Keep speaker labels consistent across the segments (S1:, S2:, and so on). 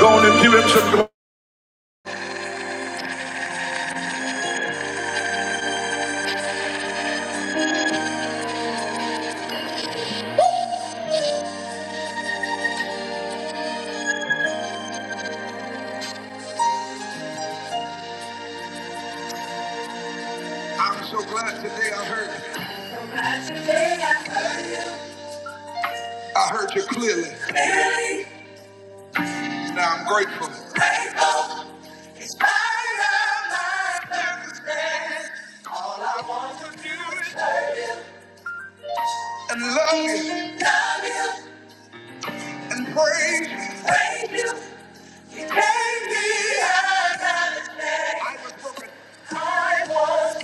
S1: Go on and give him some glory. I'm so glad today I'm glad Today I heard you clearly, grateful, in spite of my circumstance. All I want to do is serve you, love you, praise you. You gave me another chance. I was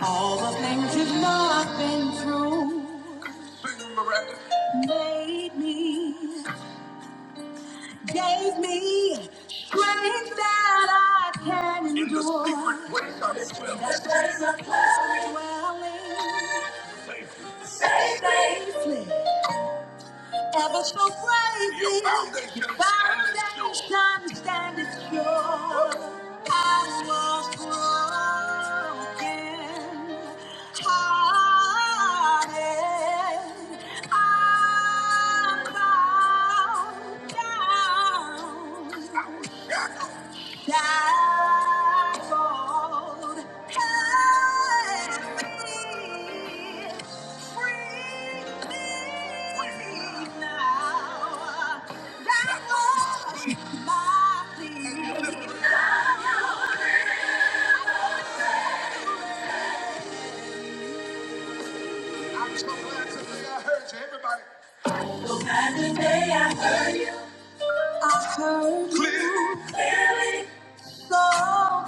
S1: All the things you've not been through made me. gave me strength that I can endure. In the secret place. Dwelling safely, ever so bravely, sun stand is pure. I was broken, hearted. I'm bowed down. So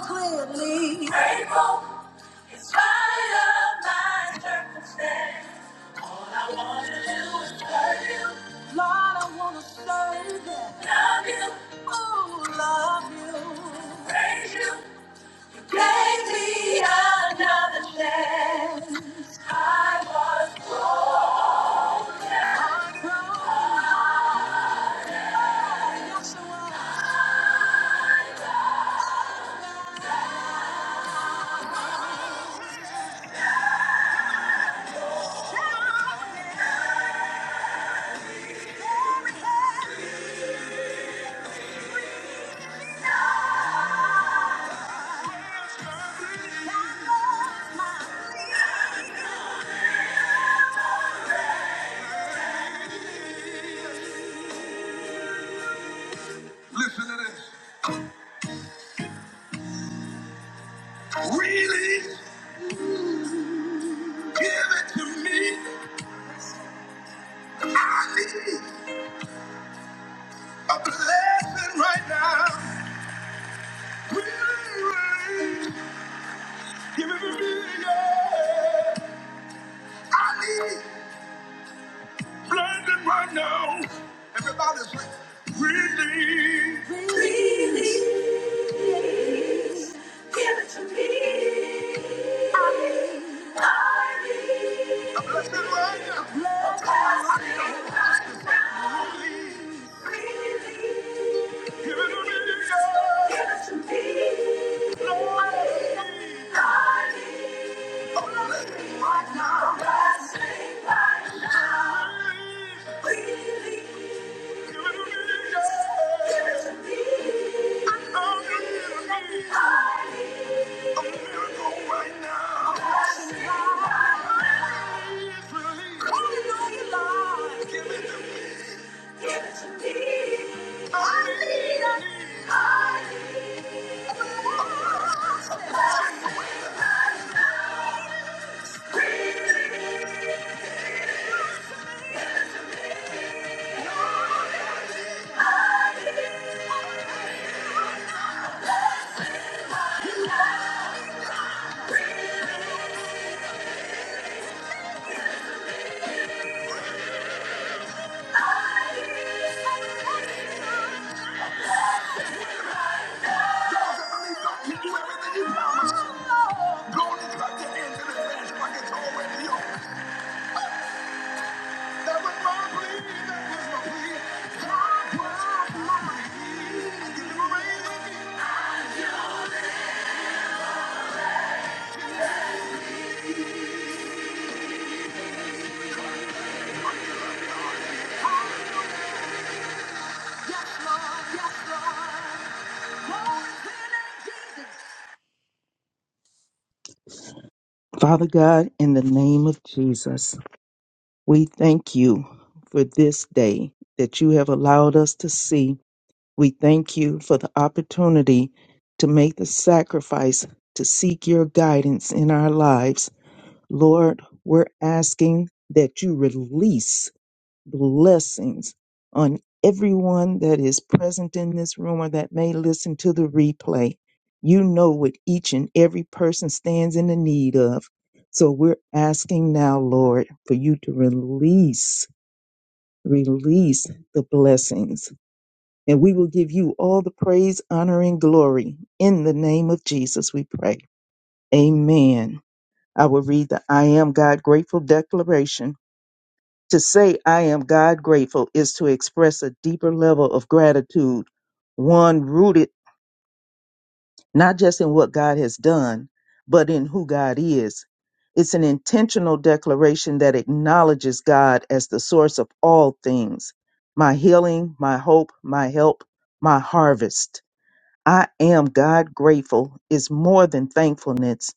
S1: clearly, grateful in spite of my circumstance. All I wanna do is serve you. Lord, I wanna serve you. Love you. Oh, love you. Praise you. Gave me another chance. I was Please, Give it to me. I need, I need.
S2: Father God, in the name of Jesus, we thank you for this day that you have allowed us to see. We thank you for the opportunity to make the sacrifice to seek your guidance in our lives. Lord, we're asking that you release blessings on everyone that is present in this room or that may listen to the replay. You know what each and every person stands in the need of. So we're asking now, Lord, for you to release, release the blessings. And we will give you all the praise, honor, and glory. In the name of Jesus, we pray. Amen. I will read the I Am God Grateful Declaration to say I am God grateful is to express a deeper level of gratitude, one rooted not just in what God has done, but in who God is. It's an intentional declaration that acknowledges God as the source of all things my healing, my hope, my help, my harvest. I am God grateful is more than thankfulness.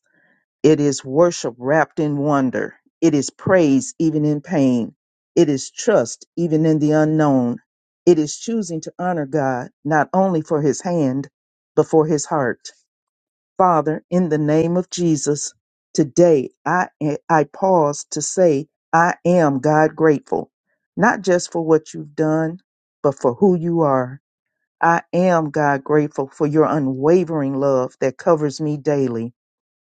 S2: It is worship wrapped in wonder. It is praise even in pain. It is trust even in the unknown. It is choosing to honor God not only for his hand, but for his heart. Father, in the name of Jesus, today I, I pause to say, I am God grateful, not just for what you've done, but for who you are. I am God grateful for your unwavering love that covers me daily.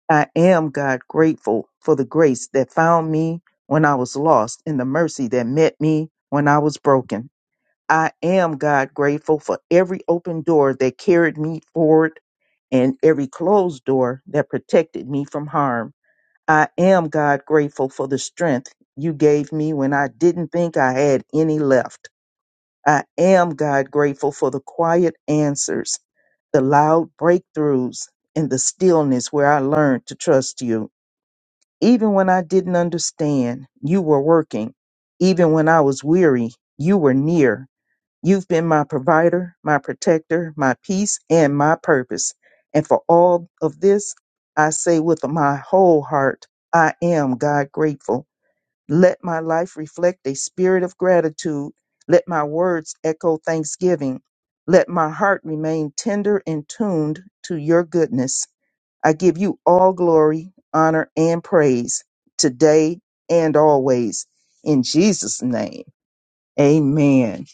S2: I am, God, grateful for the grace that found me when I was lost and the mercy that met me when I was broken. I am, God, grateful for every open door that carried me forward and every closed door that protected me from harm. I am, God, grateful for the strength you gave me when I didn't think I had any left. I am, God, grateful for the quiet answers, the loud breakthroughs, and the stillness where I learned to trust you. Even when I didn't understand, you were working. Even when I was weary, you were near. You've been my provider, my protector, my peace, and my purpose. And for all of this, I say with my whole heart, I am God grateful. Let my life reflect a spirit of gratitude. Let my words echo thanksgiving. Let my heart remain tender and tuned to your goodness. I give you all glory, honor, and praise today and always. In Jesus' name, amen.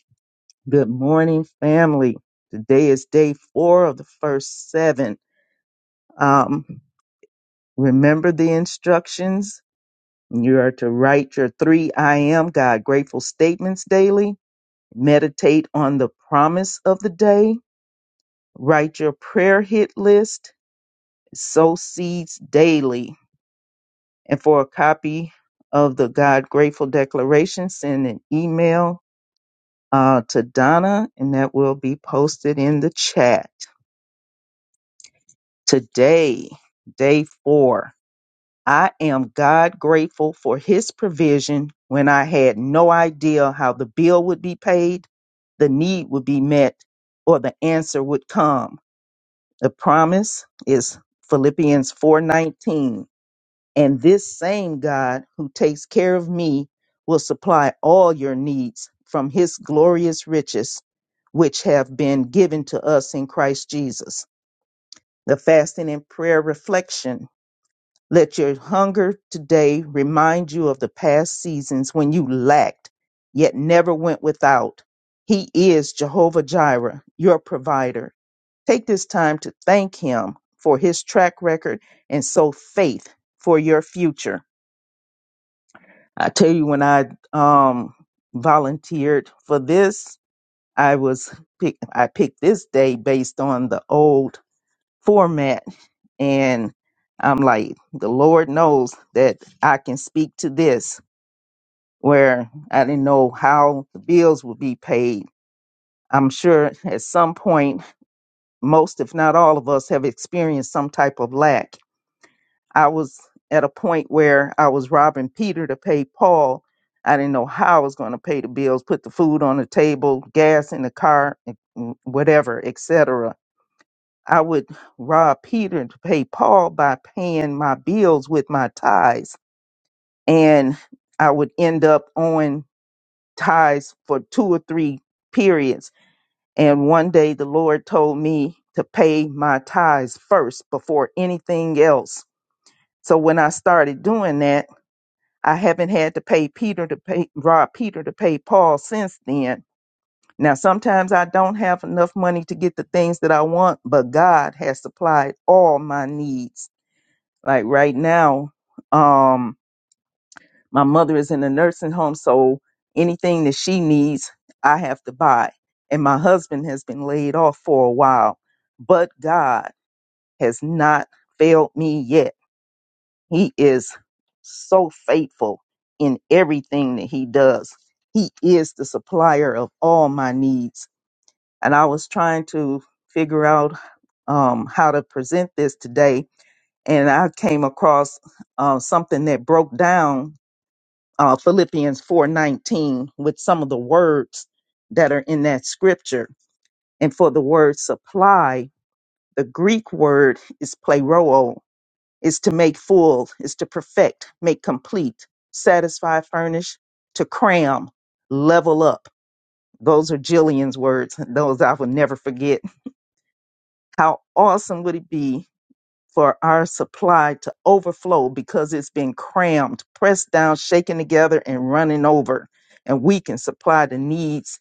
S2: Good morning, family. Today is day four of the first seven. Um, remember the instructions. You are to write your three I am God grateful statements daily, meditate on the promise of the day, write your prayer hit list, sow seeds daily And for a copy of the God Grateful Declaration, send an email uh, to Donna, and that will be posted in the chat. Today, day four, I am God grateful for His provision when I had no idea how the bill would be paid, the need would be met, or the answer would come. The promise is Philippians 4:19 And this same God who takes care of me will supply all your needs from his glorious riches, which have been given to us in Christ Jesus. The fasting and prayer reflection. Let your hunger today remind you of the past seasons when you lacked, yet never went without. He is Jehovah Jireh, your provider. Take this time to thank him for his track record and sow faith for your future. I tell you, when I um volunteered for this, I was pick, I picked this day based on the old format, and I'm like, the Lord knows that I can speak to this. Where I didn't know how the bills would be paid. I'm sure at some point, most, if not all of us, have experienced some type of lack. I was at a point where I was robbing Peter to pay Paul. I didn't know how I was going to pay the bills, put the food on the table, gas in the car, and whatever, etc. I would rob Peter to pay Paul by paying my bills with my tithes, and I would end up owing tithes for two or three periods. And one day the Lord told me to pay my tithes first before anything else. So when I started doing that, I haven't had to pay Peter to pay rob Peter to pay Paul since then. Now sometimes I don't have enough money to get the things that I want, but God has supplied all my needs. Like right now, um my mother is in a nursing home, so anything that she needs, I have to buy. And my husband has been laid off for a while, but God has not failed me yet. He is so faithful in everything that he does. He is the supplier of all my needs. And I was trying to figure out um, how to present this today, and I came across uh, something that broke down uh, Philippians 4:19 with some of the words that are in that scripture. And for the word supply, the Greek word is pleroo, is to make full, is to perfect, make complete, satisfy, furnish, to cram, level up. Those are Jillian's words. Those I will never forget. How awesome would it be for our supply to overflow because it's been crammed, pressed down, shaken together, and running over? And we can supply the needs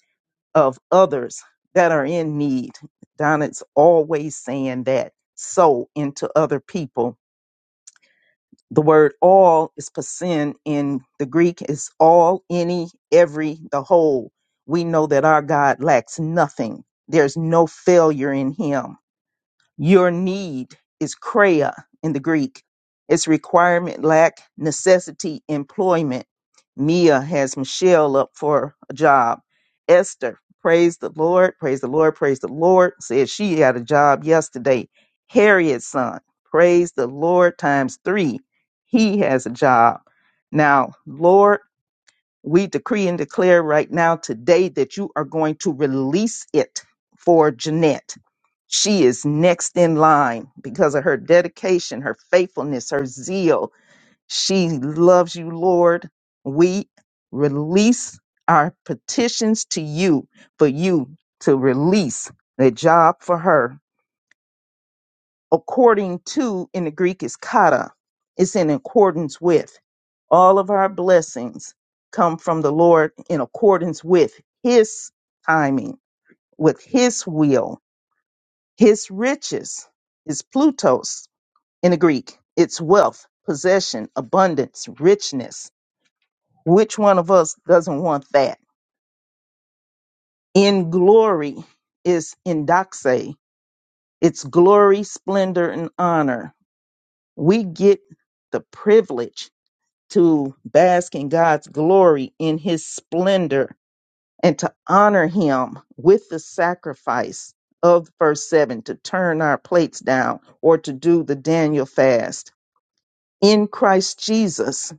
S2: of others that are in need. Donna's always saying that. Sow into other people The word all is pasin in the Greek is all, any, every, the whole. We know that our God lacks nothing. There's no failure in him. Your need is krea in the Greek. It's requirement, lack, necessity, employment. Mia has Michelle up for a job. Esther, praise the Lord, praise the Lord, praise the Lord, said she had a job yesterday. Harriet's son, praise the Lord times three. He has a job. Now, Lord. We decree and declare right now today that you are going to release it for Jeanette. She is next in line because of her dedication, her faithfulness, her zeal. She loves you, Lord. We release our petitions to you for you to release a job for her according to in the Greek is kata. It's in accordance with. All of our blessings come from the Lord in accordance with his timing, with his will, his riches is Plutos in the Greek. It's wealth, possession, abundance, richness. Which one of us doesn't want that? In glory is indoxe. It's glory, splendor, and honor. We get the privilege to bask in God's glory in his splendor and to honor him with the sacrifice of verse 7 to turn our plates down or to do the Daniel fast. In Christ Jesus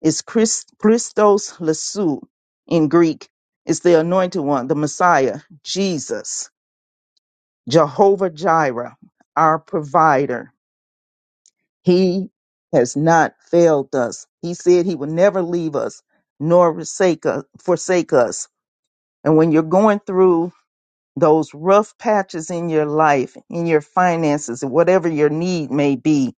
S2: is Christ, Christos Lassou in Greek, is the anointed one, the Messiah, Jesus, Jehovah Jireh, our provider. He has not failed us. He said he would never leave us nor forsake us, forsake us. And when you're going through those rough patches in your life, in your finances, and whatever your need may be,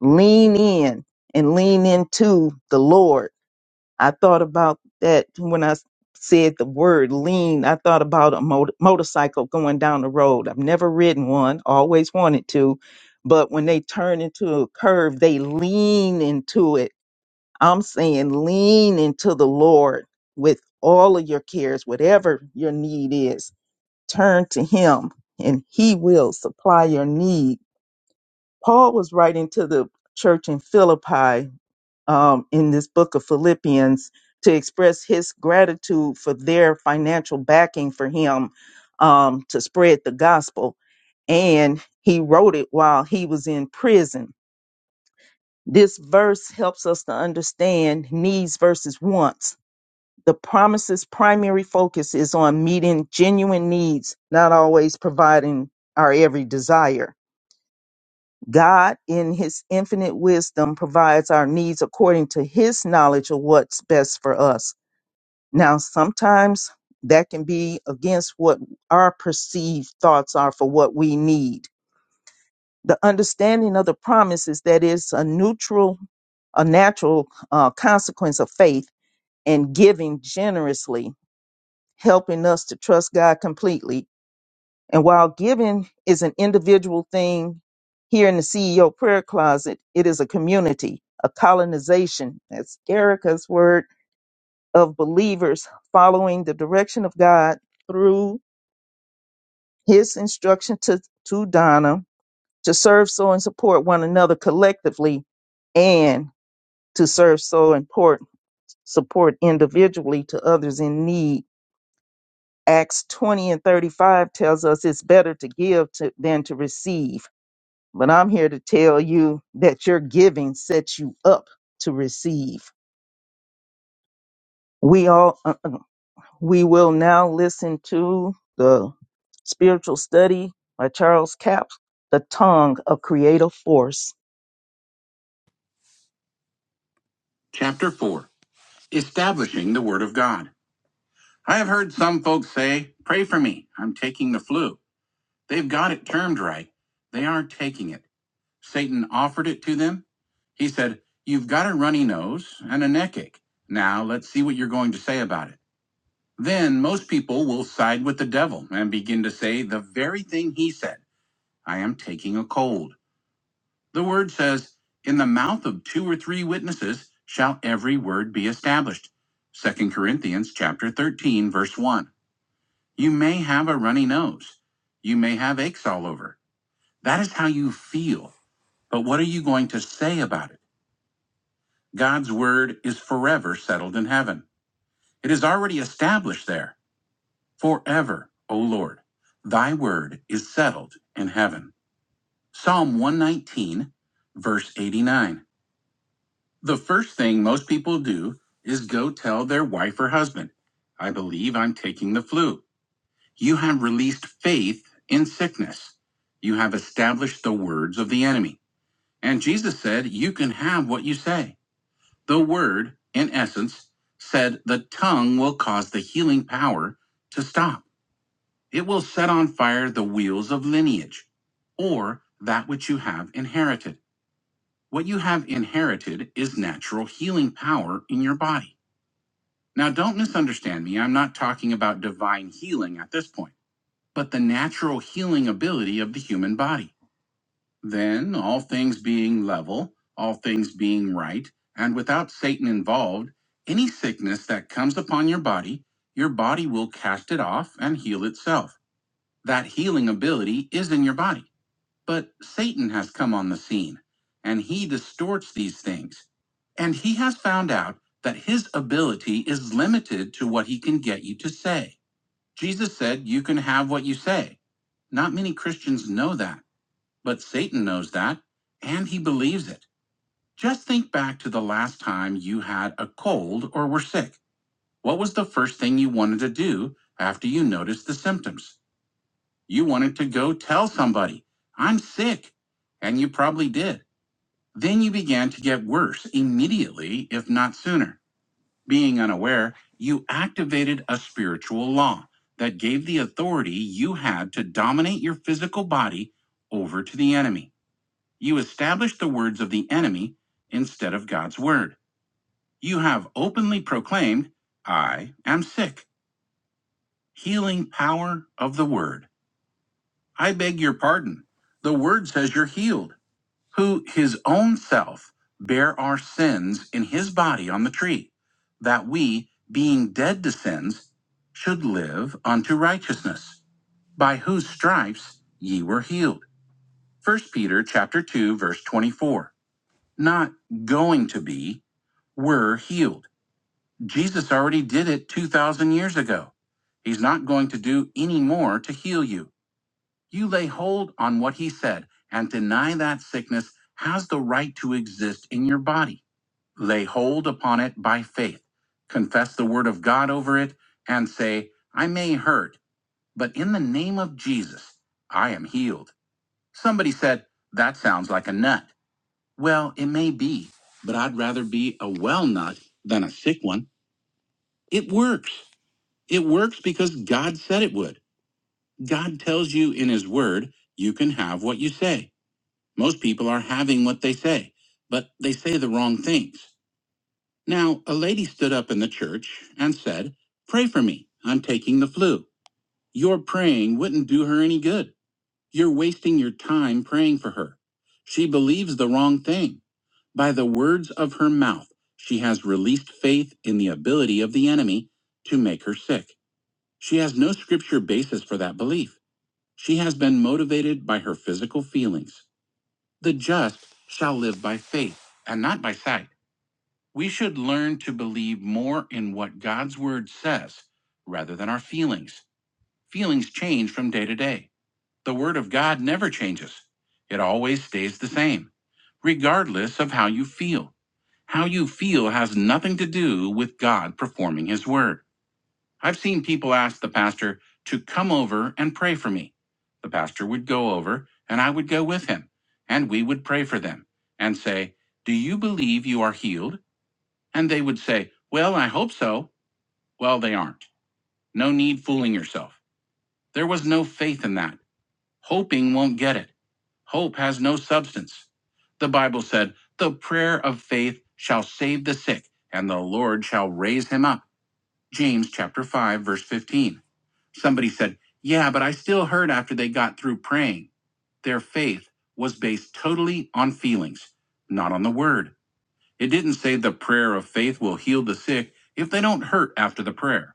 S2: lean in and lean into the Lord I thought about that when I s- said the word lean. I thought about a mot- motorcycle going down the road. I've never ridden one, always wanted to, but when they turn into a curve, they lean into it. I'm saying lean into the Lord with all of your cares, whatever your need is. Turn to Him and He will supply your need. Paul was writing to the church in Philippi um, in this book of Philippians to express his gratitude for their financial backing for him um, to spread the gospel. And he wrote it while he was in prison. This verse helps us to understand needs versus wants. The promise's primary focus is on meeting genuine needs, not always providing our every desire God, in his infinite wisdom, provides our needs according to his knowledge of what's best for us. Now, sometimes that can be against what our perceived thoughts are for what we need. The understanding of the promise is that it's a neutral, a natural uh, consequence of faith and giving generously, helping us to trust God completely and while giving is an individual thing here in the CEO prayer closet, it is a community, a colonization, that's Erica's word, of believers following the direction of God through his instruction to, to Donna to serve, so, and support one another collectively and to serve, so, and port, support individually to others in need. Acts 20 and 35 tells us it's better to give to, than to receive But I'm here to tell you that your giving sets you up to receive. We all uh, uh, we will now listen to the spiritual study by Charles Capps, The Tongue of Creative Force.
S1: Chapter 4 Establishing the Word of God. I have heard some folks say, Pray for me, I'm taking the flu. They've got it termed right. They aren't taking it. Satan offered it to them, he said, You've got a runny nose and a neck ache. Now let's see what you're going to say about it. Then most people will side with the devil and begin to say the very thing he said I am taking a cold. The word says, In the mouth of two or three witnesses shall every word be established. Second Corinthians chapter 13 verse 1. You may have a runny nose. You may have aches all over. That is how you feel. But what are you going to say about it? God's word is forever settled in heaven. It is already established there forever, O Lord. Thy word is settled in heaven. Psalm 119, verse 89. The first thing most people do is go tell their wife or husband, I believe I'm taking the flu. You have released faith in sickness. You have established the words of the enemy. And Jesus said, You can have what you say. The word, in essence, said the tongue will cause the healing power to stop. It will set on fire the wheels of lineage, or that which you have inherited. What you have inherited is natural healing power in your body. Now, don't misunderstand me. I'm not talking about divine healing at this point, but the natural healing ability of the human body. Then, all things being level, all things being right, and without Satan involved, any sickness that comes upon your body, your body will cast it off and heal itself. That healing ability is in your body. But Satan has come on the scene, and he distorts these things. And he has found out that his ability is limited to what he can get you to say. Jesus said, You can have what you say. Not many Christians know that. But Satan knows that, and he believes it. Just think back to the last time you had a cold or were sick. What was the first thing you wanted to do after you noticed the symptoms? You wanted to go tell somebody, I'm sick. And you probably did. Then you began to get worse immediately, if not sooner. Being unaware, you activated a spiritual law that gave the authority you had to dominate your physical body over to the enemy. You established the words of the enemy instead of God's word. You have openly proclaimed, I am sick. Healing power of the word. I beg your pardon. The word says you're healed. Who his own self bare our sins in his body on the tree, that we, being dead to sins, should live unto righteousness, by whose stripes ye were healed. First Peter chapter 2 verse 24. Not going to be, Were healed. Jesus already did it 2,000 years ago. He's not going to do any more to heal you. You lay hold on what he said and deny that sickness has the right to exist in your body. Lay hold upon it by faith. Confess the word of God over it and say, I may hurt, but in the name of Jesus, I am healed. Somebody said, That sounds like a nut. Well, it may be, but I'd rather be a well nut than a sick one. It works. It works because God said it would. God tells you in His Word, you can have what you say. Most people are having what they say, but they say the wrong things. Now, a lady stood up in the church and said, Pray for me. I'm taking the flu. Your praying wouldn't do her any good. You're wasting your time praying for her. She believes the wrong thing. By the words of her mouth, she has released faith in the ability of the enemy to make her sick. She has no scripture basis for that belief. She has been motivated by her physical feelings. The just shall live by faith and not by sight. We should learn to believe more in what God's word says rather than our feelings. Feelings change from day to day. The word of God never changes, it always stays the same, regardless of how you feel. How you feel has nothing to do with God performing his word. I've seen people ask the pastor to come over and pray for me. The pastor would go over, and I would go with him, and we would pray for them and say, Do you believe you are healed? And they would say, Well, I hope so. Well, they aren't. No need fooling yourself. There was no faith in that. Hoping won't get it. Hope has no substance. The Bible said, The prayer of faith shall save the sick, and the Lord shall raise him up. James chapter 5 verse 15. Somebody said, "Yeah, but I still heard after they got through praying. Their faith was based totally on feelings, not on the word. It didn't say the prayer of faith will heal the sick if they don't hurt after the prayer.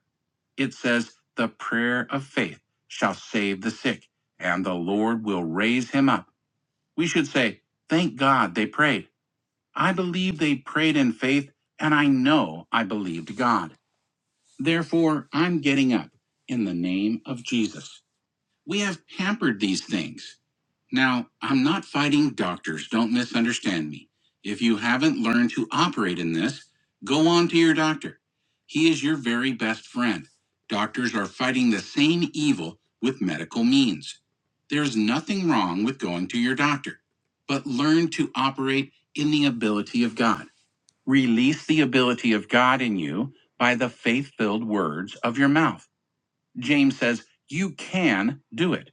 S1: It says the prayer of faith shall save the sick, and the Lord will raise him up." We should say, "Thank God they prayed. I believe they prayed in faith, and I know I believed God." Therefore, I'm getting up in the name of Jesus. We have pampered these things. Now, I'm not fighting doctors. Don't misunderstand me. If you haven't learned to operate in this, go on to your doctor. He is your very best friend. Doctors are fighting the same evil with medical means. There's nothing wrong with going to your doctor, but learn to operate in the ability of God. Release the ability of God in you by the faith filled words of your mouth. James says, You can do it.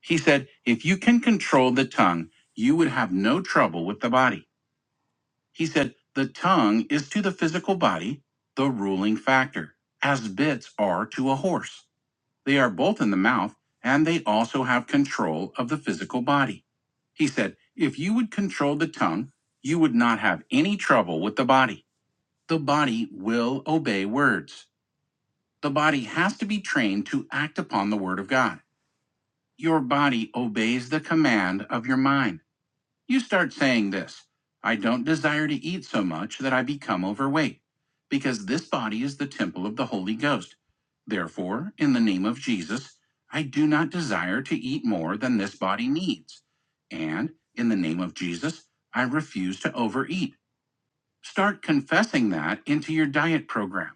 S1: He said, If you can control the tongue, you would have no trouble with the body. He said, The tongue is to the physical body the ruling factor, as bits are to a horse. They are both in the mouth, and they also have control of the physical body. He said, If you would control the tongue, you would not have any trouble with the body the body will obey words. The body has to be trained to act upon the word of God. Your body obeys the command of your mind. You start saying this I don't desire to eat so much that I become overweight, because this body is the temple of the Holy Ghost. Therefore, in the name of Jesus, I do not desire to eat more than this body needs. And in the name of Jesus, I refuse to overeat. Start confessing that into your diet program.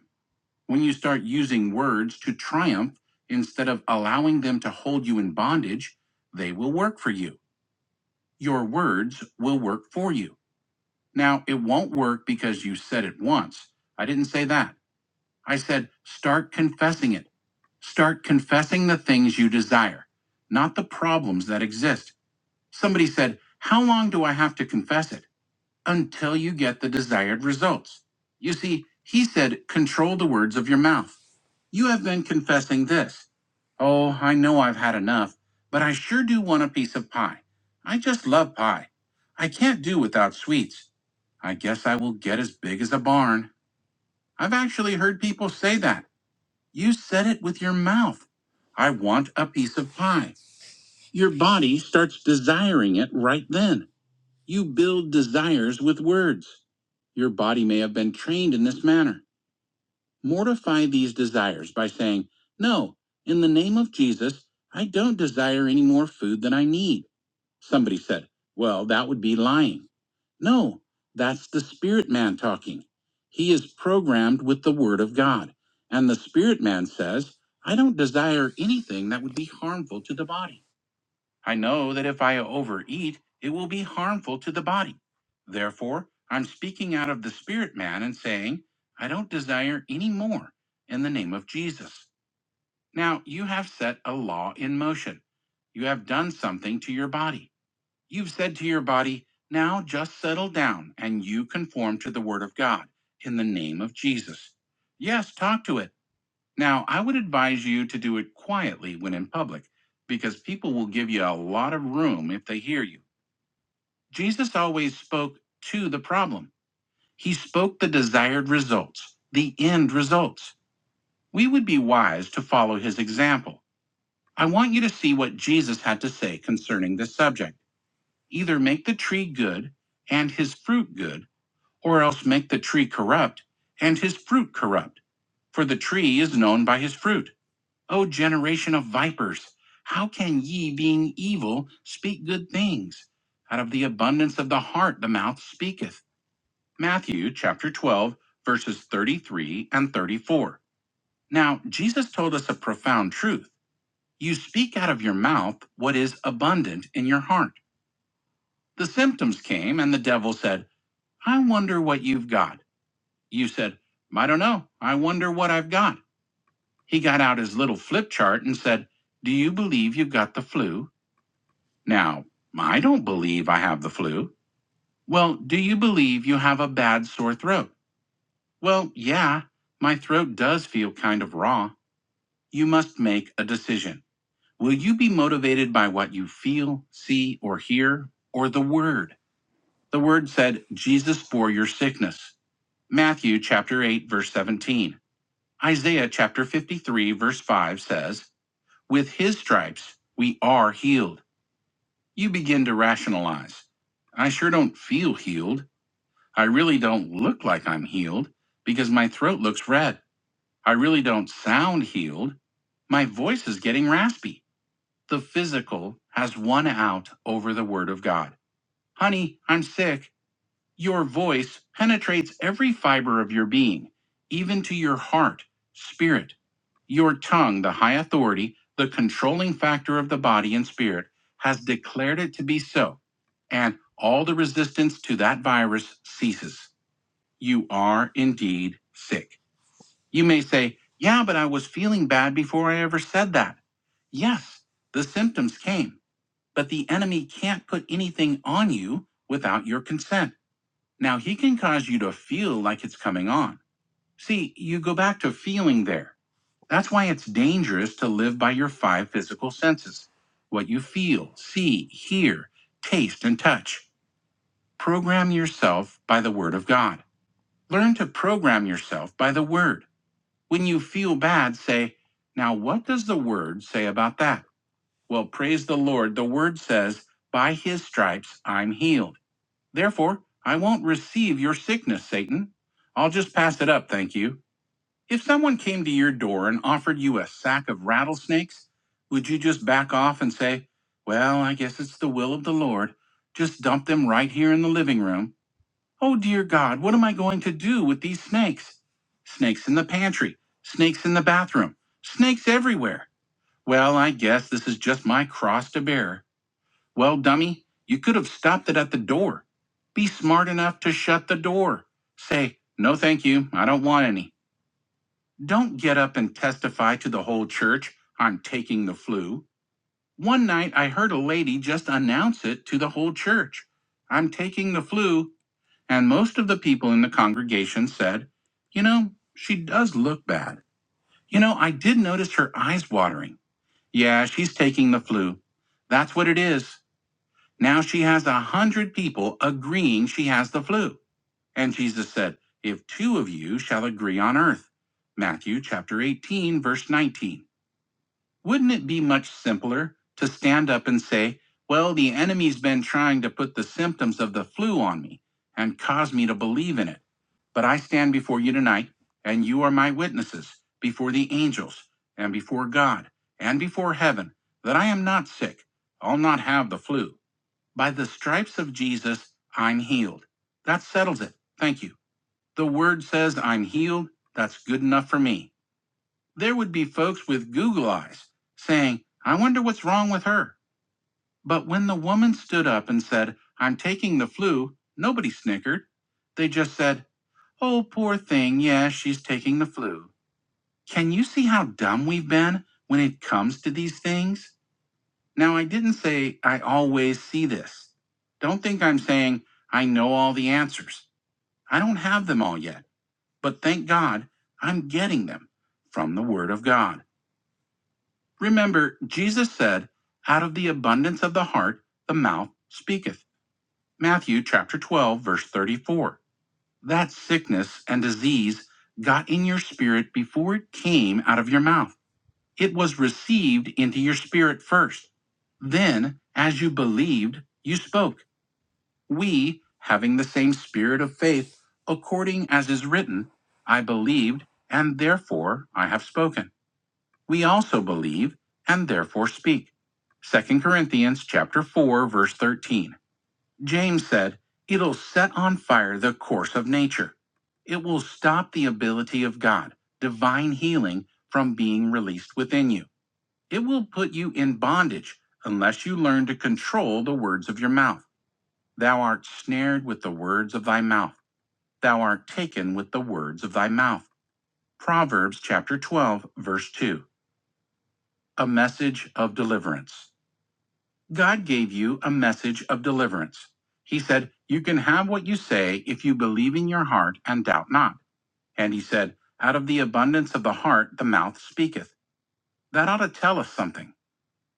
S1: When you start using words to triumph instead of allowing them to hold you in bondage, they will work for you. Your words will work for you. Now, it won't work because you said it once. I didn't say that. I said start confessing it. Start confessing the things you desire, not the problems that exist. Somebody said, How long do I have to confess it? until you get the desired results. You see, he said, control the words of your mouth. You have been confessing this. Oh, I know I've had enough, but I sure do want a piece of pie. I just love pie. I can't do without sweets. I guess I will get as big as a barn. I've actually heard people say that. You said it with your mouth. I want a piece of pie. Your body starts desiring it right then. You build desires with words. Your body may have been trained in this manner. Mortify these desires by saying, No, in the name of Jesus, I don't desire any more food than I need. Somebody said, Well, that would be lying. No, that's the spirit man talking. He is programmed with the word of God. And the spirit man says, I don't desire anything that would be harmful to the body. I know that if I overeat, it will be harmful to the body. Therefore, I'm speaking out of the spirit man and saying, I don't desire any more in the name of Jesus. Now, you have set a law in motion. You have done something to your body. You've said to your body, Now just settle down and you conform to the word of God in the name of Jesus. Yes, talk to it. Now, I would advise you to do it quietly when in public, because people will give you a lot of room if they hear you. Jesus always spoke to the problem, he spoke the desired results, the end results. We would be wise to follow his example. I want you to see what Jesus had to say concerning this subject. Either make the tree good and his fruit good, or else make the tree corrupt and his fruit corrupt, for the tree is known by his fruit. O generation of vipers, how can ye, being evil, speak good things? Out of the abundance of the heart the mouth speaketh. Matthew chapter 12, verses 33 and 34. Now, Jesus told us a profound truth. You speak out of your mouth what is abundant in your heart. The symptoms came, and the devil said, I wonder what you've got. You said, I don't know. I wonder what I've got. He got out his little flip chart and said, Do you believe you've got the flu? Now, I don't believe I have the flu. Well, do you believe you have a bad sore throat? Well, yeah, my throat does feel kind of raw. You must make a decision. Will you be motivated by what you feel, see, or hear, or the word? The word said, Jesus bore your sickness. Matthew chapter 8 verse 17. Isaiah chapter 53 verse 5 says, with his stripes we are healed. You begin to rationalize. I sure don't feel healed. I really don't look like I'm healed because my throat looks red. I really don't sound healed. My voice is getting raspy. The physical has won out over the word of God. Honey, I'm sick. Your voice penetrates every fiber of your being, even to your heart, spirit. Your tongue, the high authority, the controlling factor of the body and spirit, has declared it to be so, and all the resistance to that virus ceases you are indeed sick. You may say, Yeah, but I was feeling bad before I ever said that. Yes, the symptoms came, but the enemy can't put anything on you without your consent. Now, he can cause you to feel like it's coming on. See, you go back to feeling there. That's why it's dangerous to live by your five physical senses what you feel, see, hear, taste, and touch. Program yourself by the Word of God. Learn to program yourself by the Word. When you feel bad, say, Now, what does the word say about that? Well, praise the Lord. The word says, By his stripes I'm healed. Therefore, I won't receive your sickness, Satan. I'll just pass it up, thank you. If someone came to your door and offered you a sack of rattlesnakes, would you just back off and say, Well, I guess it's the will of the Lord? Just dump them right here in the living room. Oh dear God, what am I going to do with these snakes? Snakes in the pantry, snakes in the bathroom, snakes everywhere. Well, I guess this is just my cross to bear. Well, dummy, you could have stopped it at the door. Be smart enough to shut the door. Say, no thank you, I don't want any. Don't get up and testify to the whole church, I'm taking the flu. One night I heard a lady just announce it to the whole church. I'm taking the flu and most of the people in the congregation said, You know, she does look bad. You know, I did notice her eyes watering. Yeah, she's taking the flu. That's what it is. Now she has a hundred people agreeing she has the flu. And Jesus said, If two of you shall agree on earth. Matthew chapter 18, verse 19. Wouldn't it be much simpler to stand up and say, Well, the enemy's been trying to put the symptoms of the flu on me and cause me to believe in it. But I stand before you tonight, and you are my witnesses before the angels, and before God, and before heaven, that I am not sick. I'll not have the flu. By the stripes of Jesus, I'm healed. That settles it. Thank you. The word says I'm healed. That's good enough for me. There would be folks with Google eyes saying, I wonder what's wrong with her. But when the woman stood up and said, I'm taking the flu, nobody snickered. They just said, Oh, poor thing. Yeah, she's taking the flu. Can you see how dumb we've been when it comes to these things? Now, I didn't say I always see this. Don't think I'm saying I know all the answers. I don't have them all yet, but thank God I'm getting them from the Word of God. Remember, Jesus said, Out of the abundance of the heart, the mouth speaketh. Matthew chapter 12, verse 34. That sickness and disease got in your spirit before it came out of your mouth. It was received into your spirit first. Then, as you believed, you spoke. We, having the same spirit of faith, according as is written, I believed, and therefore I have spoken we also believe and therefore speak. Second Corinthians chapter 4 verse 13. James said, "It'll set on fire the course of nature. It will stop the ability of God, divine healing from being released within you. It will put you in bondage unless you learn to control the words of your mouth. Thou art snared with the words of thy mouth. Thou art taken with the words of thy mouth." Proverbs chapter 12 verse 2. A message of deliverance. God gave you a message of deliverance. He said, You can have what you say if you believe in your heart and doubt not. And he said, Out of the abundance of the heart, the mouth speaketh. That ought to tell us something.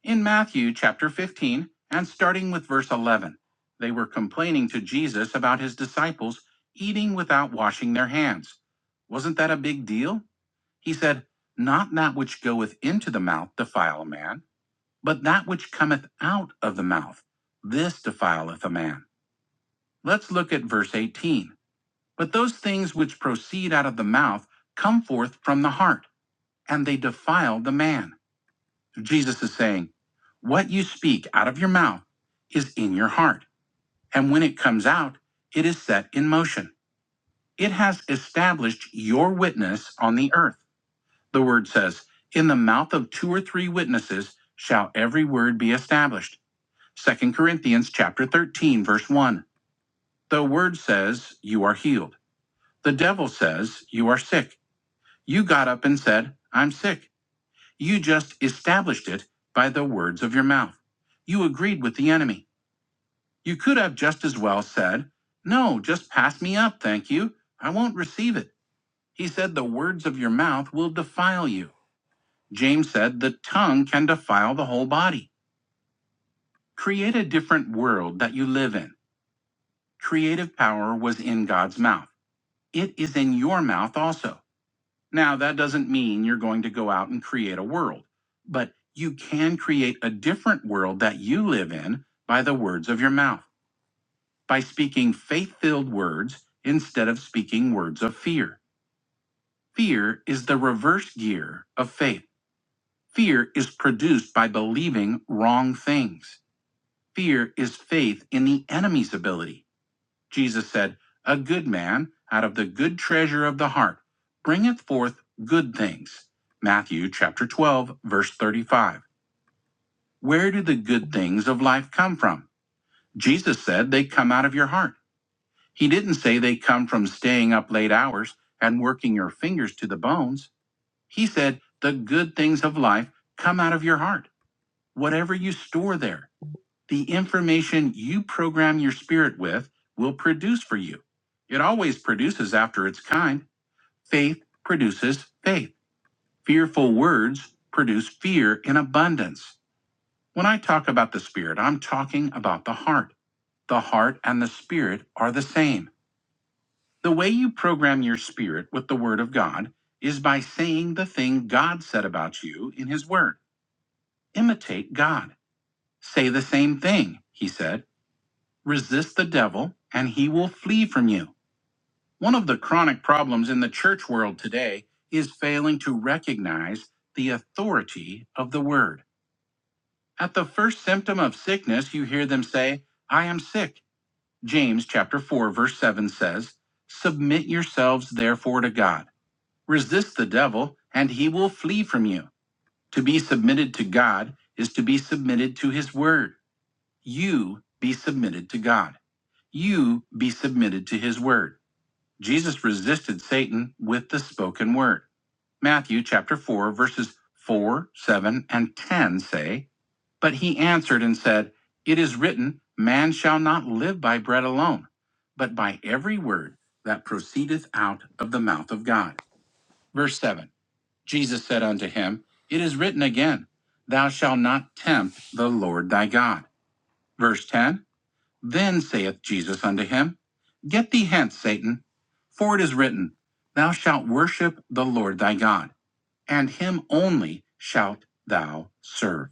S1: In Matthew chapter 15, and starting with verse 11, they were complaining to Jesus about his disciples eating without washing their hands. Wasn't that a big deal? He said, Not that which goeth into the mouth defile a man but that which cometh out of the mouth, this defileth a man. Let's look at verse 18. But those things which proceed out of the mouth come forth from the heart, and they defile the man. Jesus is saying, What you speak out of your mouth is in your heart, and when it comes out, it is set in motion. It has established your witness on the earth. The word says, In the mouth of two or three witnesses shall every word be established. Second Corinthians chapter 13 verse 1. The word says you are healed. The devil says you are sick. You got up and said, "I'm sick." You just established it by the words of your mouth. You agreed with the enemy. You could have just as well said, "No, just pass me up, thank you. I won't receive it." He said the words of your mouth will defile you. James said the tongue can defile the whole body. Create a different world that you live in. Creative power was in God's mouth. It is in your mouth also. Now, that doesn't mean you're going to go out and create a world, but you can create a different world that you live in by the words of your mouth, by speaking faith filled words instead of speaking words of fear. Fear is the reverse gear of faith. Fear is produced by believing wrong things. Fear is faith in the enemy's ability Jesus said, A good man out of the good treasure of the heart bringeth forth good things. Matthew chapter 12, verse 35. Where do the good things of life come from? Jesus said they come out of your heart. He didn't say they come from staying up late hours and working your fingers to the bones. He said the good things of life come out of your heart, whatever you store there. the information you program your spirit with will produce for you. It always produces after its kind. Faith produces faith. Fearful words produce fear in abundance. When I talk about the spirit, I'm talking about the heart. The heart and the spirit are the same. The way you program your spirit with the word of God is by saying the thing God said about you in his word. Imitate God. Say the same thing, he said. Resist the devil, and he will flee from you. One of the chronic problems in the church world today is failing to recognize the authority of the word. At the first symptom of sickness, you hear them say, I am sick. James chapter 4 verse 7 says, "Submit yourselves therefore to God. Resist the devil, and he will flee from you." To be submitted to God is to be submitted to his word. You be submitted to God. You be submitted to his word. Jesus resisted Satan with the spoken word. Matthew chapter 4 verses 4, 7 and 10 say, "But he answered and said, it is written, man shall not live by bread alone, but by every word that proceedeth out of the mouth of God." Verse 7. Jesus said unto him, it is written again, thou shalt not tempt the Lord thy God. Verse 10. Then saith Jesus unto him, Get thee hence, Satan. For it is written, Thou shalt worship the Lord thy God, and him only shalt thou serve.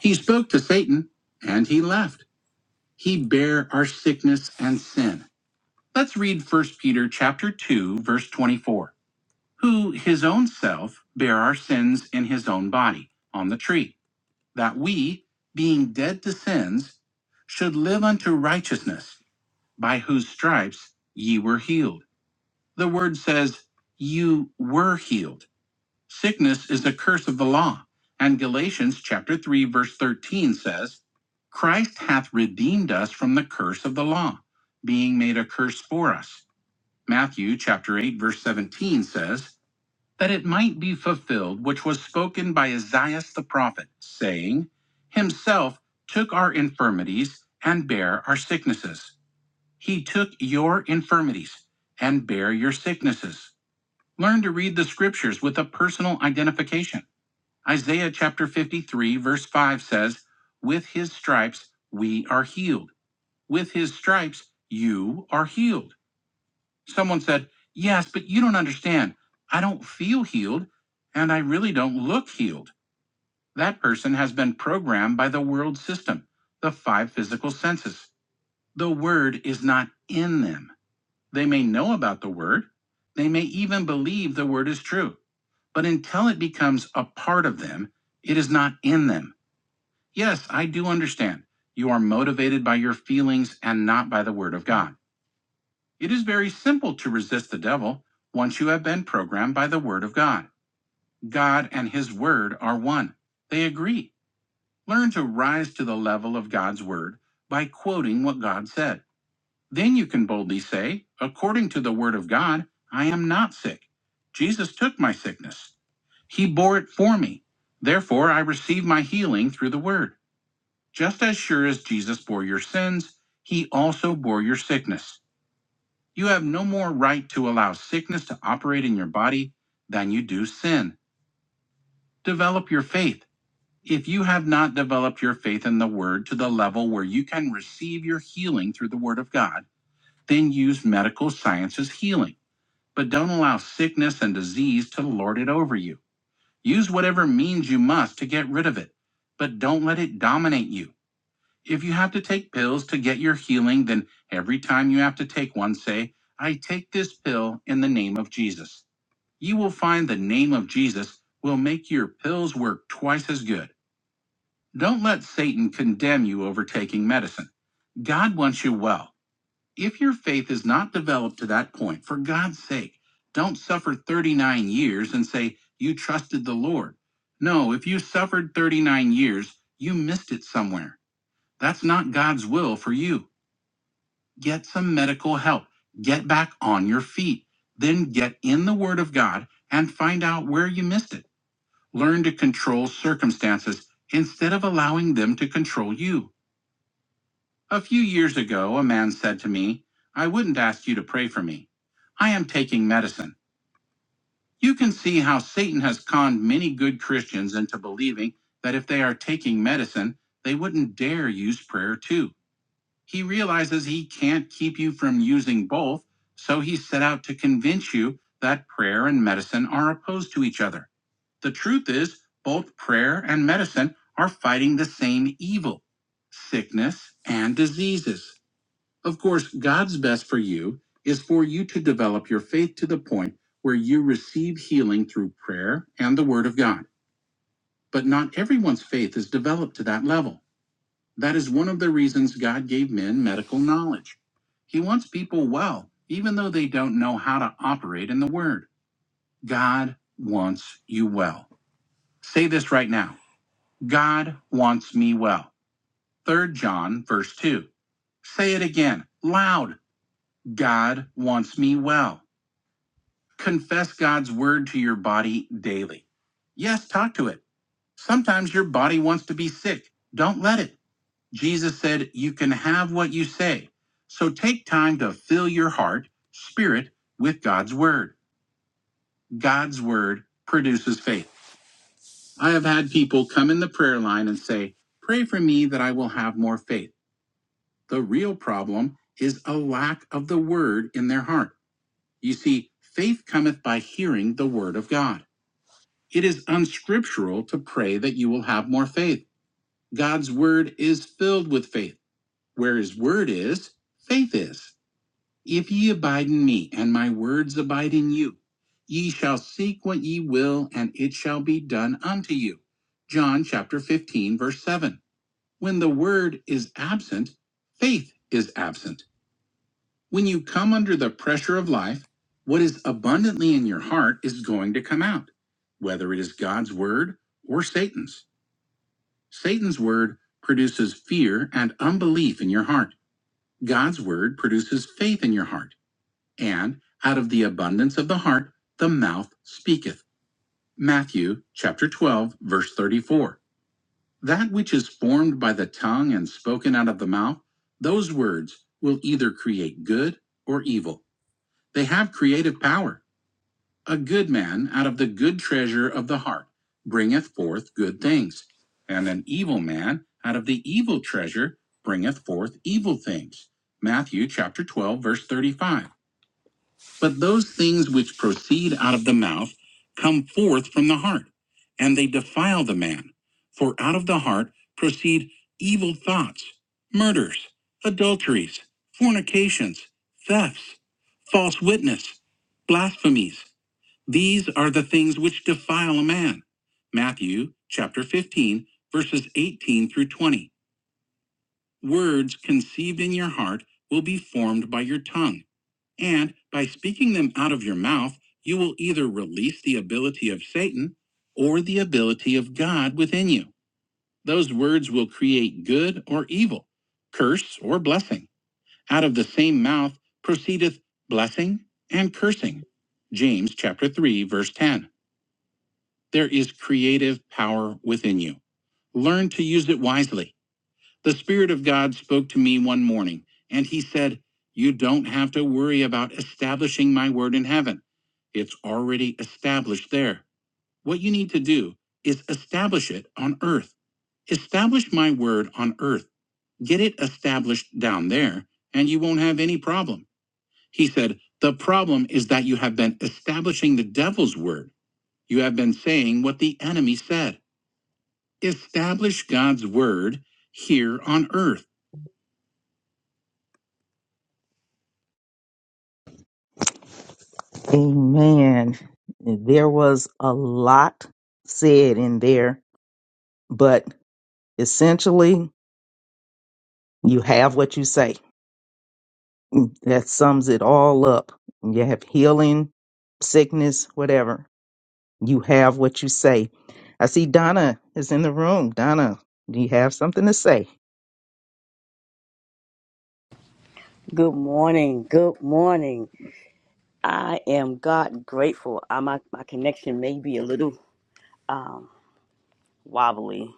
S1: He spoke to Satan, and he left. He bare our sickness and sin. Let's read First Peter chapter 2, verse 24. Who his own self bare our sins in his own body on the tree, that we, being dead to sins, should live unto righteousness, by whose stripes ye were healed. The word says, You were healed. Sickness is the curse of the law. And Galatians chapter 3, verse 13 says, Christ hath redeemed us from the curse of the law, being made a curse for us. Matthew chapter 8, verse 17 says, That it might be fulfilled which was spoken by Isaiah the prophet, saying, Himself took our infirmities and bare our sicknesses. He took your infirmities and bare your sicknesses. Learn to read the scriptures with a personal identification. Isaiah chapter 53, verse 5 says, With his stripes we are healed. With his stripes you are healed. Someone said, Yes, but you don't understand. I don't feel healed, and I really don't look healed. That person has been programmed by the world system, the five physical senses. The word is not in them. They may know about the word, they may even believe the word is true but until it becomes a part of them, it is not in them. Yes, I do understand. You are motivated by your feelings and not by the Word of God. It is very simple to resist the devil once you have been programmed by the Word of God. God and His Word are one, they agree. Learn to rise to the level of God's Word by quoting what God said. Then you can boldly say, According to the Word of God, I am not sick. Jesus took my sickness. He bore it for me. Therefore, I receive my healing through the word. Just as sure as Jesus bore your sins, he also bore your sickness. You have no more right to allow sickness to operate in your body than you do sin. Develop your faith. If you have not developed your faith in the word to the level where you can receive your healing through the word of God, then use medical science as healing. But don't allow sickness and disease to lord it over you. Use whatever means you must to get rid of it, but don't let it dominate you. If you have to take pills to get your healing, then every time you have to take one, say, I take this pill in the name of Jesus. You will find the name of Jesus will make your pills work twice as good. Don't let Satan condemn you over taking medicine. God wants you well. If your faith is not developed to that point, for God's sake, don't suffer 39 years and say you trusted the Lord. No, if you suffered 39 years, you missed it somewhere. That's not God's will for you. Get some medical help. Get back on your feet. Then get in the Word of God and find out where you missed it. Learn to control circumstances instead of allowing them to control you. A few years ago, a man said to me, I wouldn't ask you to pray for me. I am taking medicine. You can see how Satan has conned many good Christians into believing that if they are taking medicine, they wouldn't dare use prayer too. He realizes he can't keep you from using both, so he set out to convince you that prayer and medicine are opposed to each other. The truth is, both prayer and medicine are fighting the same evil sickness and diseases. Of course, God's best for you is for you to develop your faith to the point where you receive healing through prayer and the Word of God. But not everyone's faith is developed to that level. That is one of the reasons God gave men medical knowledge. He wants people well, even though they don't know how to operate in the Word. God wants you well. Say this right now God wants me well. Third John, verse 2. Say it again, loud. God wants me well. Confess God's word to your body daily. Yes, talk to it. Sometimes your body wants to be sick. Don't let it. Jesus said, You can have what you say. So take time to fill your heart, spirit, with God's word. God's word produces faith. I have had people come in the prayer line and say, Pray for me that I will have more faith. The real problem is a lack of the word in their heart. You see, faith cometh by hearing the word of God. It is unscriptural to pray that you will have more faith. God's word is filled with faith. Where his word is, faith is. If ye abide in me, and my words abide in you, ye shall seek what ye will, and it shall be done unto you. John chapter 15, verse 7. When the word is absent, faith is absent. When you come under the pressure of life, what is abundantly in your heart is going to come out, whether it is God's word or Satan's. Satan's word produces fear and unbelief in your heart. God's word produces faith in your heart. And out of the abundance of the heart, the mouth speaketh. Matthew chapter 12, verse 34. That which is formed by the tongue and spoken out of the mouth, those words will either create good or evil. They have creative power. A good man out of the good treasure of the heart bringeth forth good things, and an evil man out of the evil treasure bringeth forth evil things. Matthew chapter 12, verse 35. But those things which proceed out of the mouth come forth from the heart, and they defile the man. For out of the heart proceed evil thoughts, murders, adulteries, fornications, thefts false witness, blasphemies. These are the things which defile a man. Matthew chapter 15, verses 18 through 20. Words conceived in your heart will be formed by your tongue, and by speaking them out of your mouth, you will either release the ability of Satan or the ability of God within you. Those words will create good or evil, curse or blessing. Out of the same mouth proceedeth blessing and cursing. James chapter 3 verse 10. There is creative power within you. Learn to use it wisely. The Spirit of God spoke to me one morning, and He said, You don't have to worry about establishing my word in heaven. It's already established there. What you need to do is establish it on earth. Establish my word on earth. Get it established down there, and you won't have any problem." He said, The problem is that you have been establishing the devil's word. You have been saying what the enemy said. Establish God's word here on earth.
S2: Amen. There was a lot said in there, but essentially you have what you say. That sums it all up. You have healing, sickness, whatever You have what you say. I see Donna is in the room. Donna, do you have something to say?
S3: Good morning. Good morning. I am God grateful. Uh, my, my connection may be a little um, wobbly,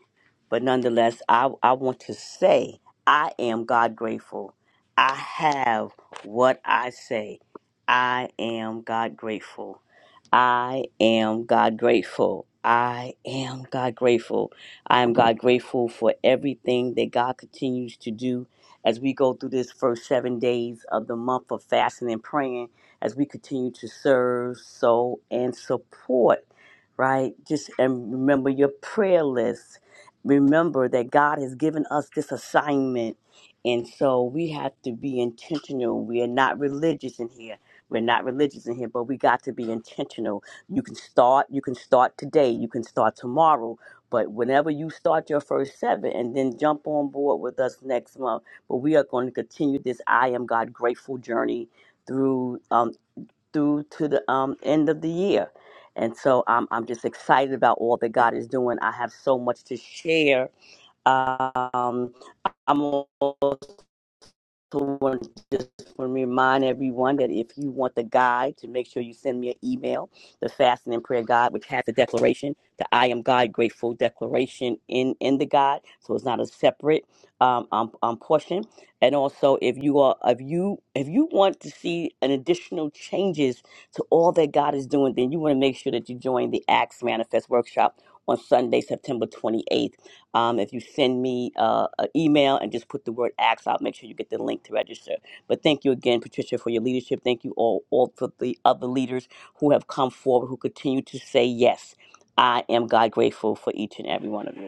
S3: but nonetheless, I, I want to say I am God grateful. I have what I say. I am God grateful. I am God grateful. I am God grateful. I am God grateful for everything that God continues to do as we go through this first seven days of the month of fasting and praying, as we continue to serve, sow, and support right? Just and remember your prayer list. Remember that God has given us this assignment. And so we have to be intentional. We are not religious in here. We're not religious in here, but we got to be intentional. You can start, you can start today, you can start tomorrow. But whenever you start your first seven and then jump on board with us next month. But we are going to continue this I am God grateful journey through um, through to the um, end of the year. And so I'm, I'm just excited about all that God is doing. I have so much to share. Um, I'm so want to just remind everyone that if you want the guide, to make sure you send me an email, the Fasting and Prayer Guide, which has the declaration, the I Am God Grateful declaration in in the guide. So it's not a separate um, um, um portion. And also, if you are if you if you want to see an additional changes to all that God is doing, then you want to make sure that you join the Acts Manifest Workshop on Sunday, September 28th. Um, if you send me uh, an email and just put the word "ask" I'll make sure you get the link to register. But thank you again, Patricia, for your leadership. Thank you all, all for the other leaders who have come forward, who continue to say yes. I am God grateful for each and every one of you.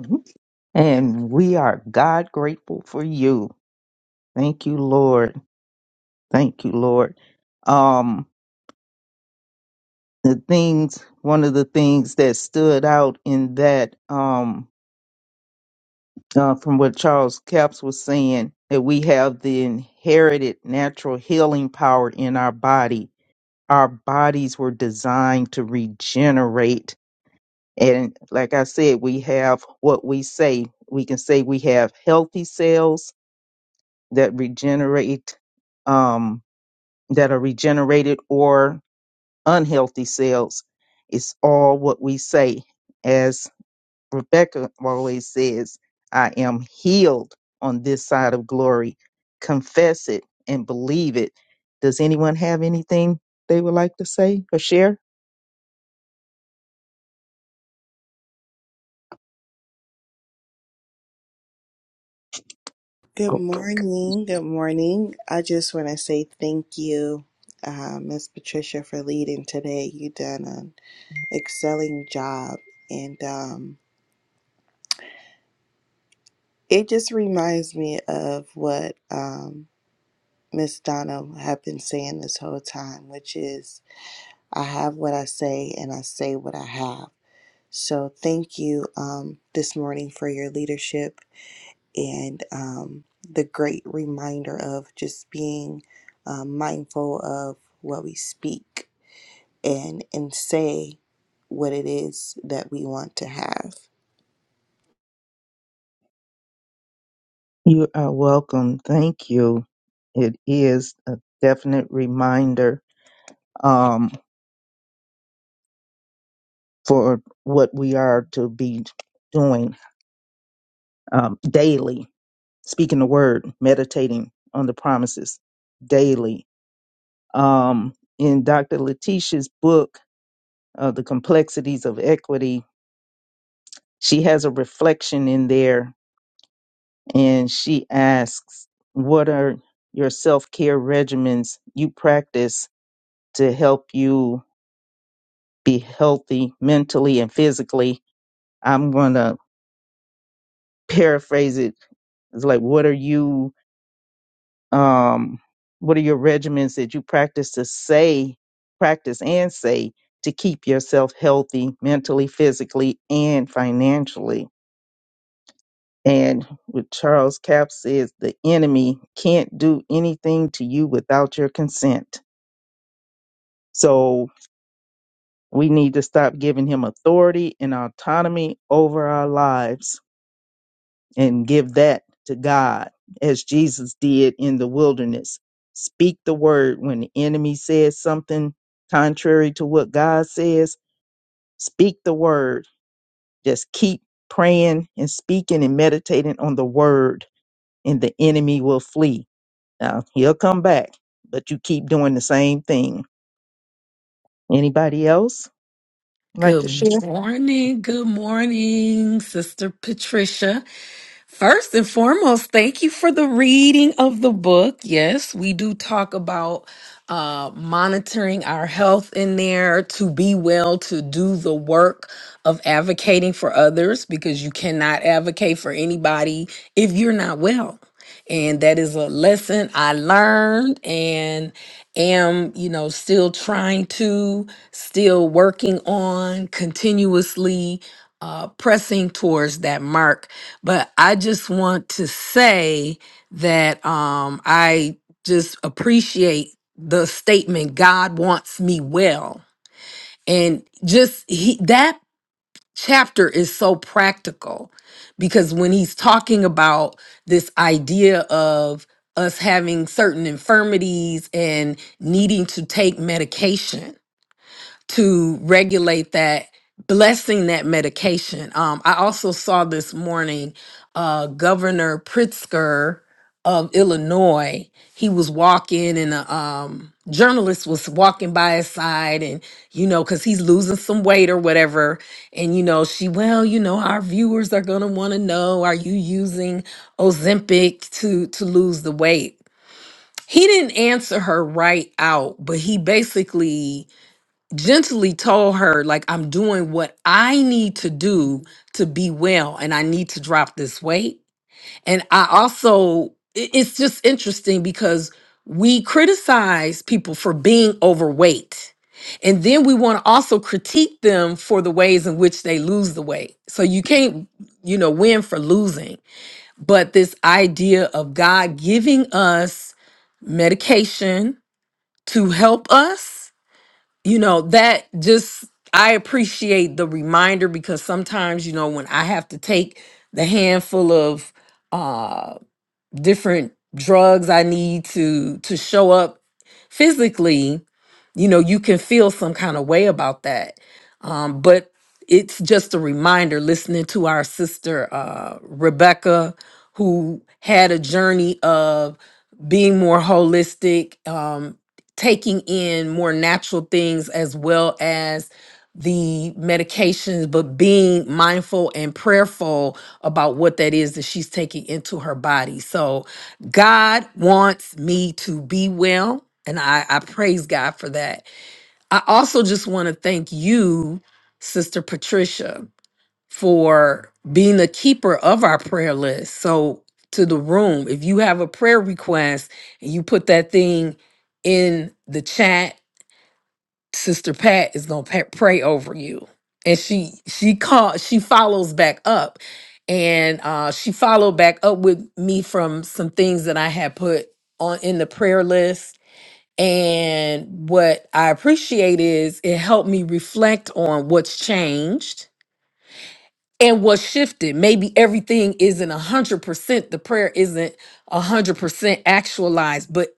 S2: Mhm. And we are God grateful for you. Thank you, Lord. Thank you, Lord. Um, the things, one of the things that stood out in that, um, uh, from what Charles Capps was saying, that we have the inherited natural healing power in our body. Our bodies were designed to regenerate And like I said, we have what we say. We can say we have healthy cells that regenerate, um, that are regenerated, or unhealthy cells. It's all what we say. As Rebecca always says, I am healed on this side of glory. Confess it and believe it. Does anyone have anything they would like to say or share?
S4: Good morning. Good morning. I just want to say thank you, uh, Miss Patricia, for leading today. you done an excelling job, and um, it just reminds me of what um, Miss Donna had been saying this whole time, which is, "I have what I say, and I say what I have." So, thank you um, this morning for your leadership and um, the great reminder of just being um, mindful of what we speak and and say what it is that we want to have.
S2: You are welcome. Thank you. It is a definite reminder um, for what we are to be doing um, daily, speaking the word, meditating on the promises daily. Um, in Dr. Letitia's book, uh, The Complexities of Equity, she has a reflection in there and she asks, What are your self care regimens you practice to help you? be healthy mentally and physically. I'm gonna paraphrase it. It's like, what are you, um, what are your regimens that you practice to say, practice and say to keep yourself healthy mentally, physically, and financially? And what Charles Cap says, the enemy can't do anything to you without your consent. So we need to stop giving him authority and autonomy over our lives and give that to God as Jesus did in the wilderness. Speak the word when the enemy says something contrary to what God says. Speak the word. Just keep praying and speaking and meditating on the word, and the enemy will flee. Now, he'll come back, but you keep doing the same thing. Anybody else like to
S5: Good
S2: share?
S5: morning. Good morning, Sister Patricia. First and foremost, thank you for the reading of the book. Yes, we do talk about uh, monitoring our health in there to be well, to do the work of advocating for others because you cannot advocate for anybody if you're not well and that is a lesson I learned and am, you know, still trying to, still working on continuously uh, pressing towards that mark. But I just want to say that um, I just appreciate the statement God wants me well. And just he, that chapter is so practical because when he's talking about this idea of us having certain infirmities and needing to take medication to regulate that blessing that medication. Um, I also saw this morning uh, Governor Pritzker of Illinois. He was walking, and a um, journalist was walking by his side, and you know, because he's losing some weight or whatever. And you know, she, well, you know, our viewers are gonna want to know, are you using Ozempic to to lose the weight? He didn't answer her right out, but he basically gently told her like i'm doing what i need to do to be well and i need to drop this weight and i also i- it's just interesting because we criticize people for being overweight and then we want to also critique them for the ways in which they lose the weight so you can't you know win for losing but this idea of god giving us medication to help us you know that just i appreciate the reminder because sometimes you know when i have to take the handful of uh different drugs i need to to show up physically you know you can feel some kind of way about that um, but it's just a reminder listening to our sister uh, rebecca who had a journey of being more holistic um, taking in more natural things as well as the medications but being mindful and prayerful about what that is that she's taking into her body so god wants me to be well and i, I praise god for that I also just want to thank you, Sister Patricia, for being the keeper of our prayer list. So, to the room, if you have a prayer request and you put that thing in the chat, Sister Pat is going to pray over you. And she she called she follows back up and uh she followed back up with me from some things that I had put on in the prayer list and what I appreciate is it helped me reflect on what's changed and what's shifted. Maybe everything isn't 100%, the prayer isn't 100% actualized, but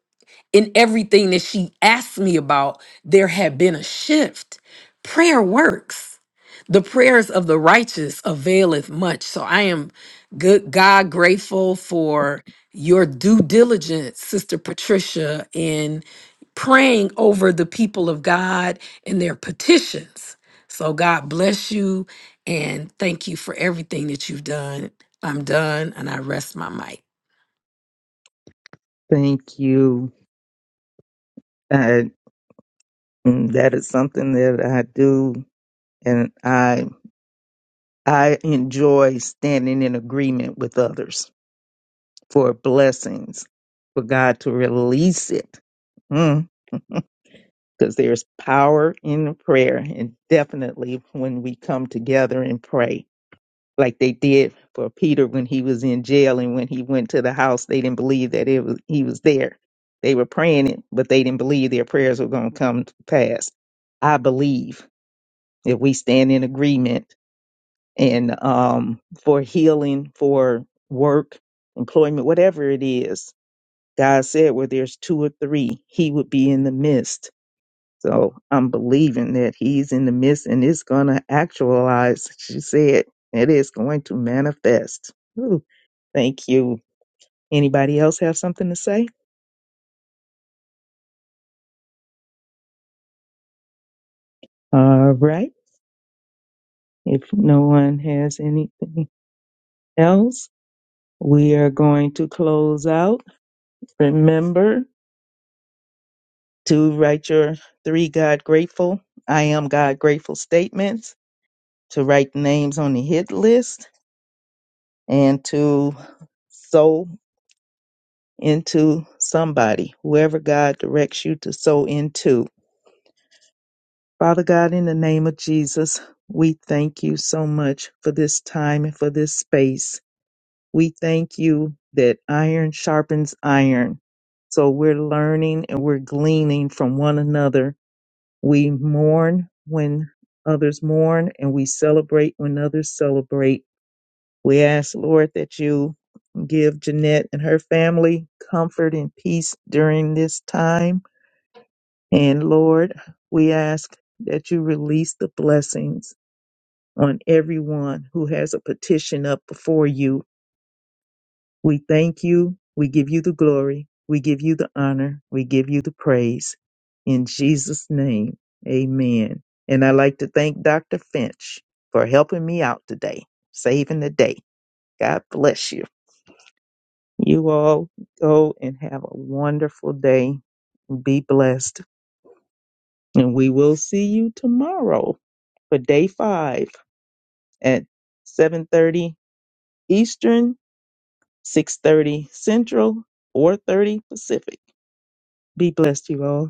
S5: in everything that she asked me about, there had been a shift. Prayer works. The prayers of the righteous availeth much. So I am good God grateful for your due diligence, Sister Patricia, in praying over the people of God and their petitions. So God bless you and thank you for everything that you've done. I'm done and I rest my mic.
S2: Thank you. Uh, mm, that is something that I do, and I I enjoy standing in agreement with others for blessings, for God to release it. Mm, Because there's power in prayer, and definitely when we come together and pray, like they did for Peter when he was in jail and when he went to the house, they didn't believe that it was he was there. They were praying it, but they didn't believe their prayers were going to come to pass. I believe if we stand in agreement and um, for healing, for work, employment, whatever it is. God said, where there's two or three, He would be in the midst. So I'm believing that He's in the midst and it's going to actualize. She said, it is going to manifest. Ooh, thank you. Anybody else have something to say? All right. If no one has anything else, we are going to close out. Remember, to write your three God grateful, I am God grateful statements, to write names on the hit list, and to sow into somebody, whoever God directs you to sow into. Father God, in the name of Jesus, we thank you so much for this time and for this space. We thank you that iron sharpens iron. So we're learning and we're gleaning from one another We mourn when others mourn, and we celebrate when others celebrate. We ask, Lord, that you give Jeanette and her family comfort and peace during this time. And Lord, we ask that you release the blessings on everyone who has a petition up before you We thank you. We give you the glory. We give you the honor. We give you the praise. In Jesus' name, amen. And I'd like to thank Dr. Finch for helping me out today, saving the day. God bless you. You all go and have a wonderful day. Be blessed. And we will see you tomorrow for day five at 7.30 Eastern, 6.30 Central, 4.30 Pacific. Be blessed, you all.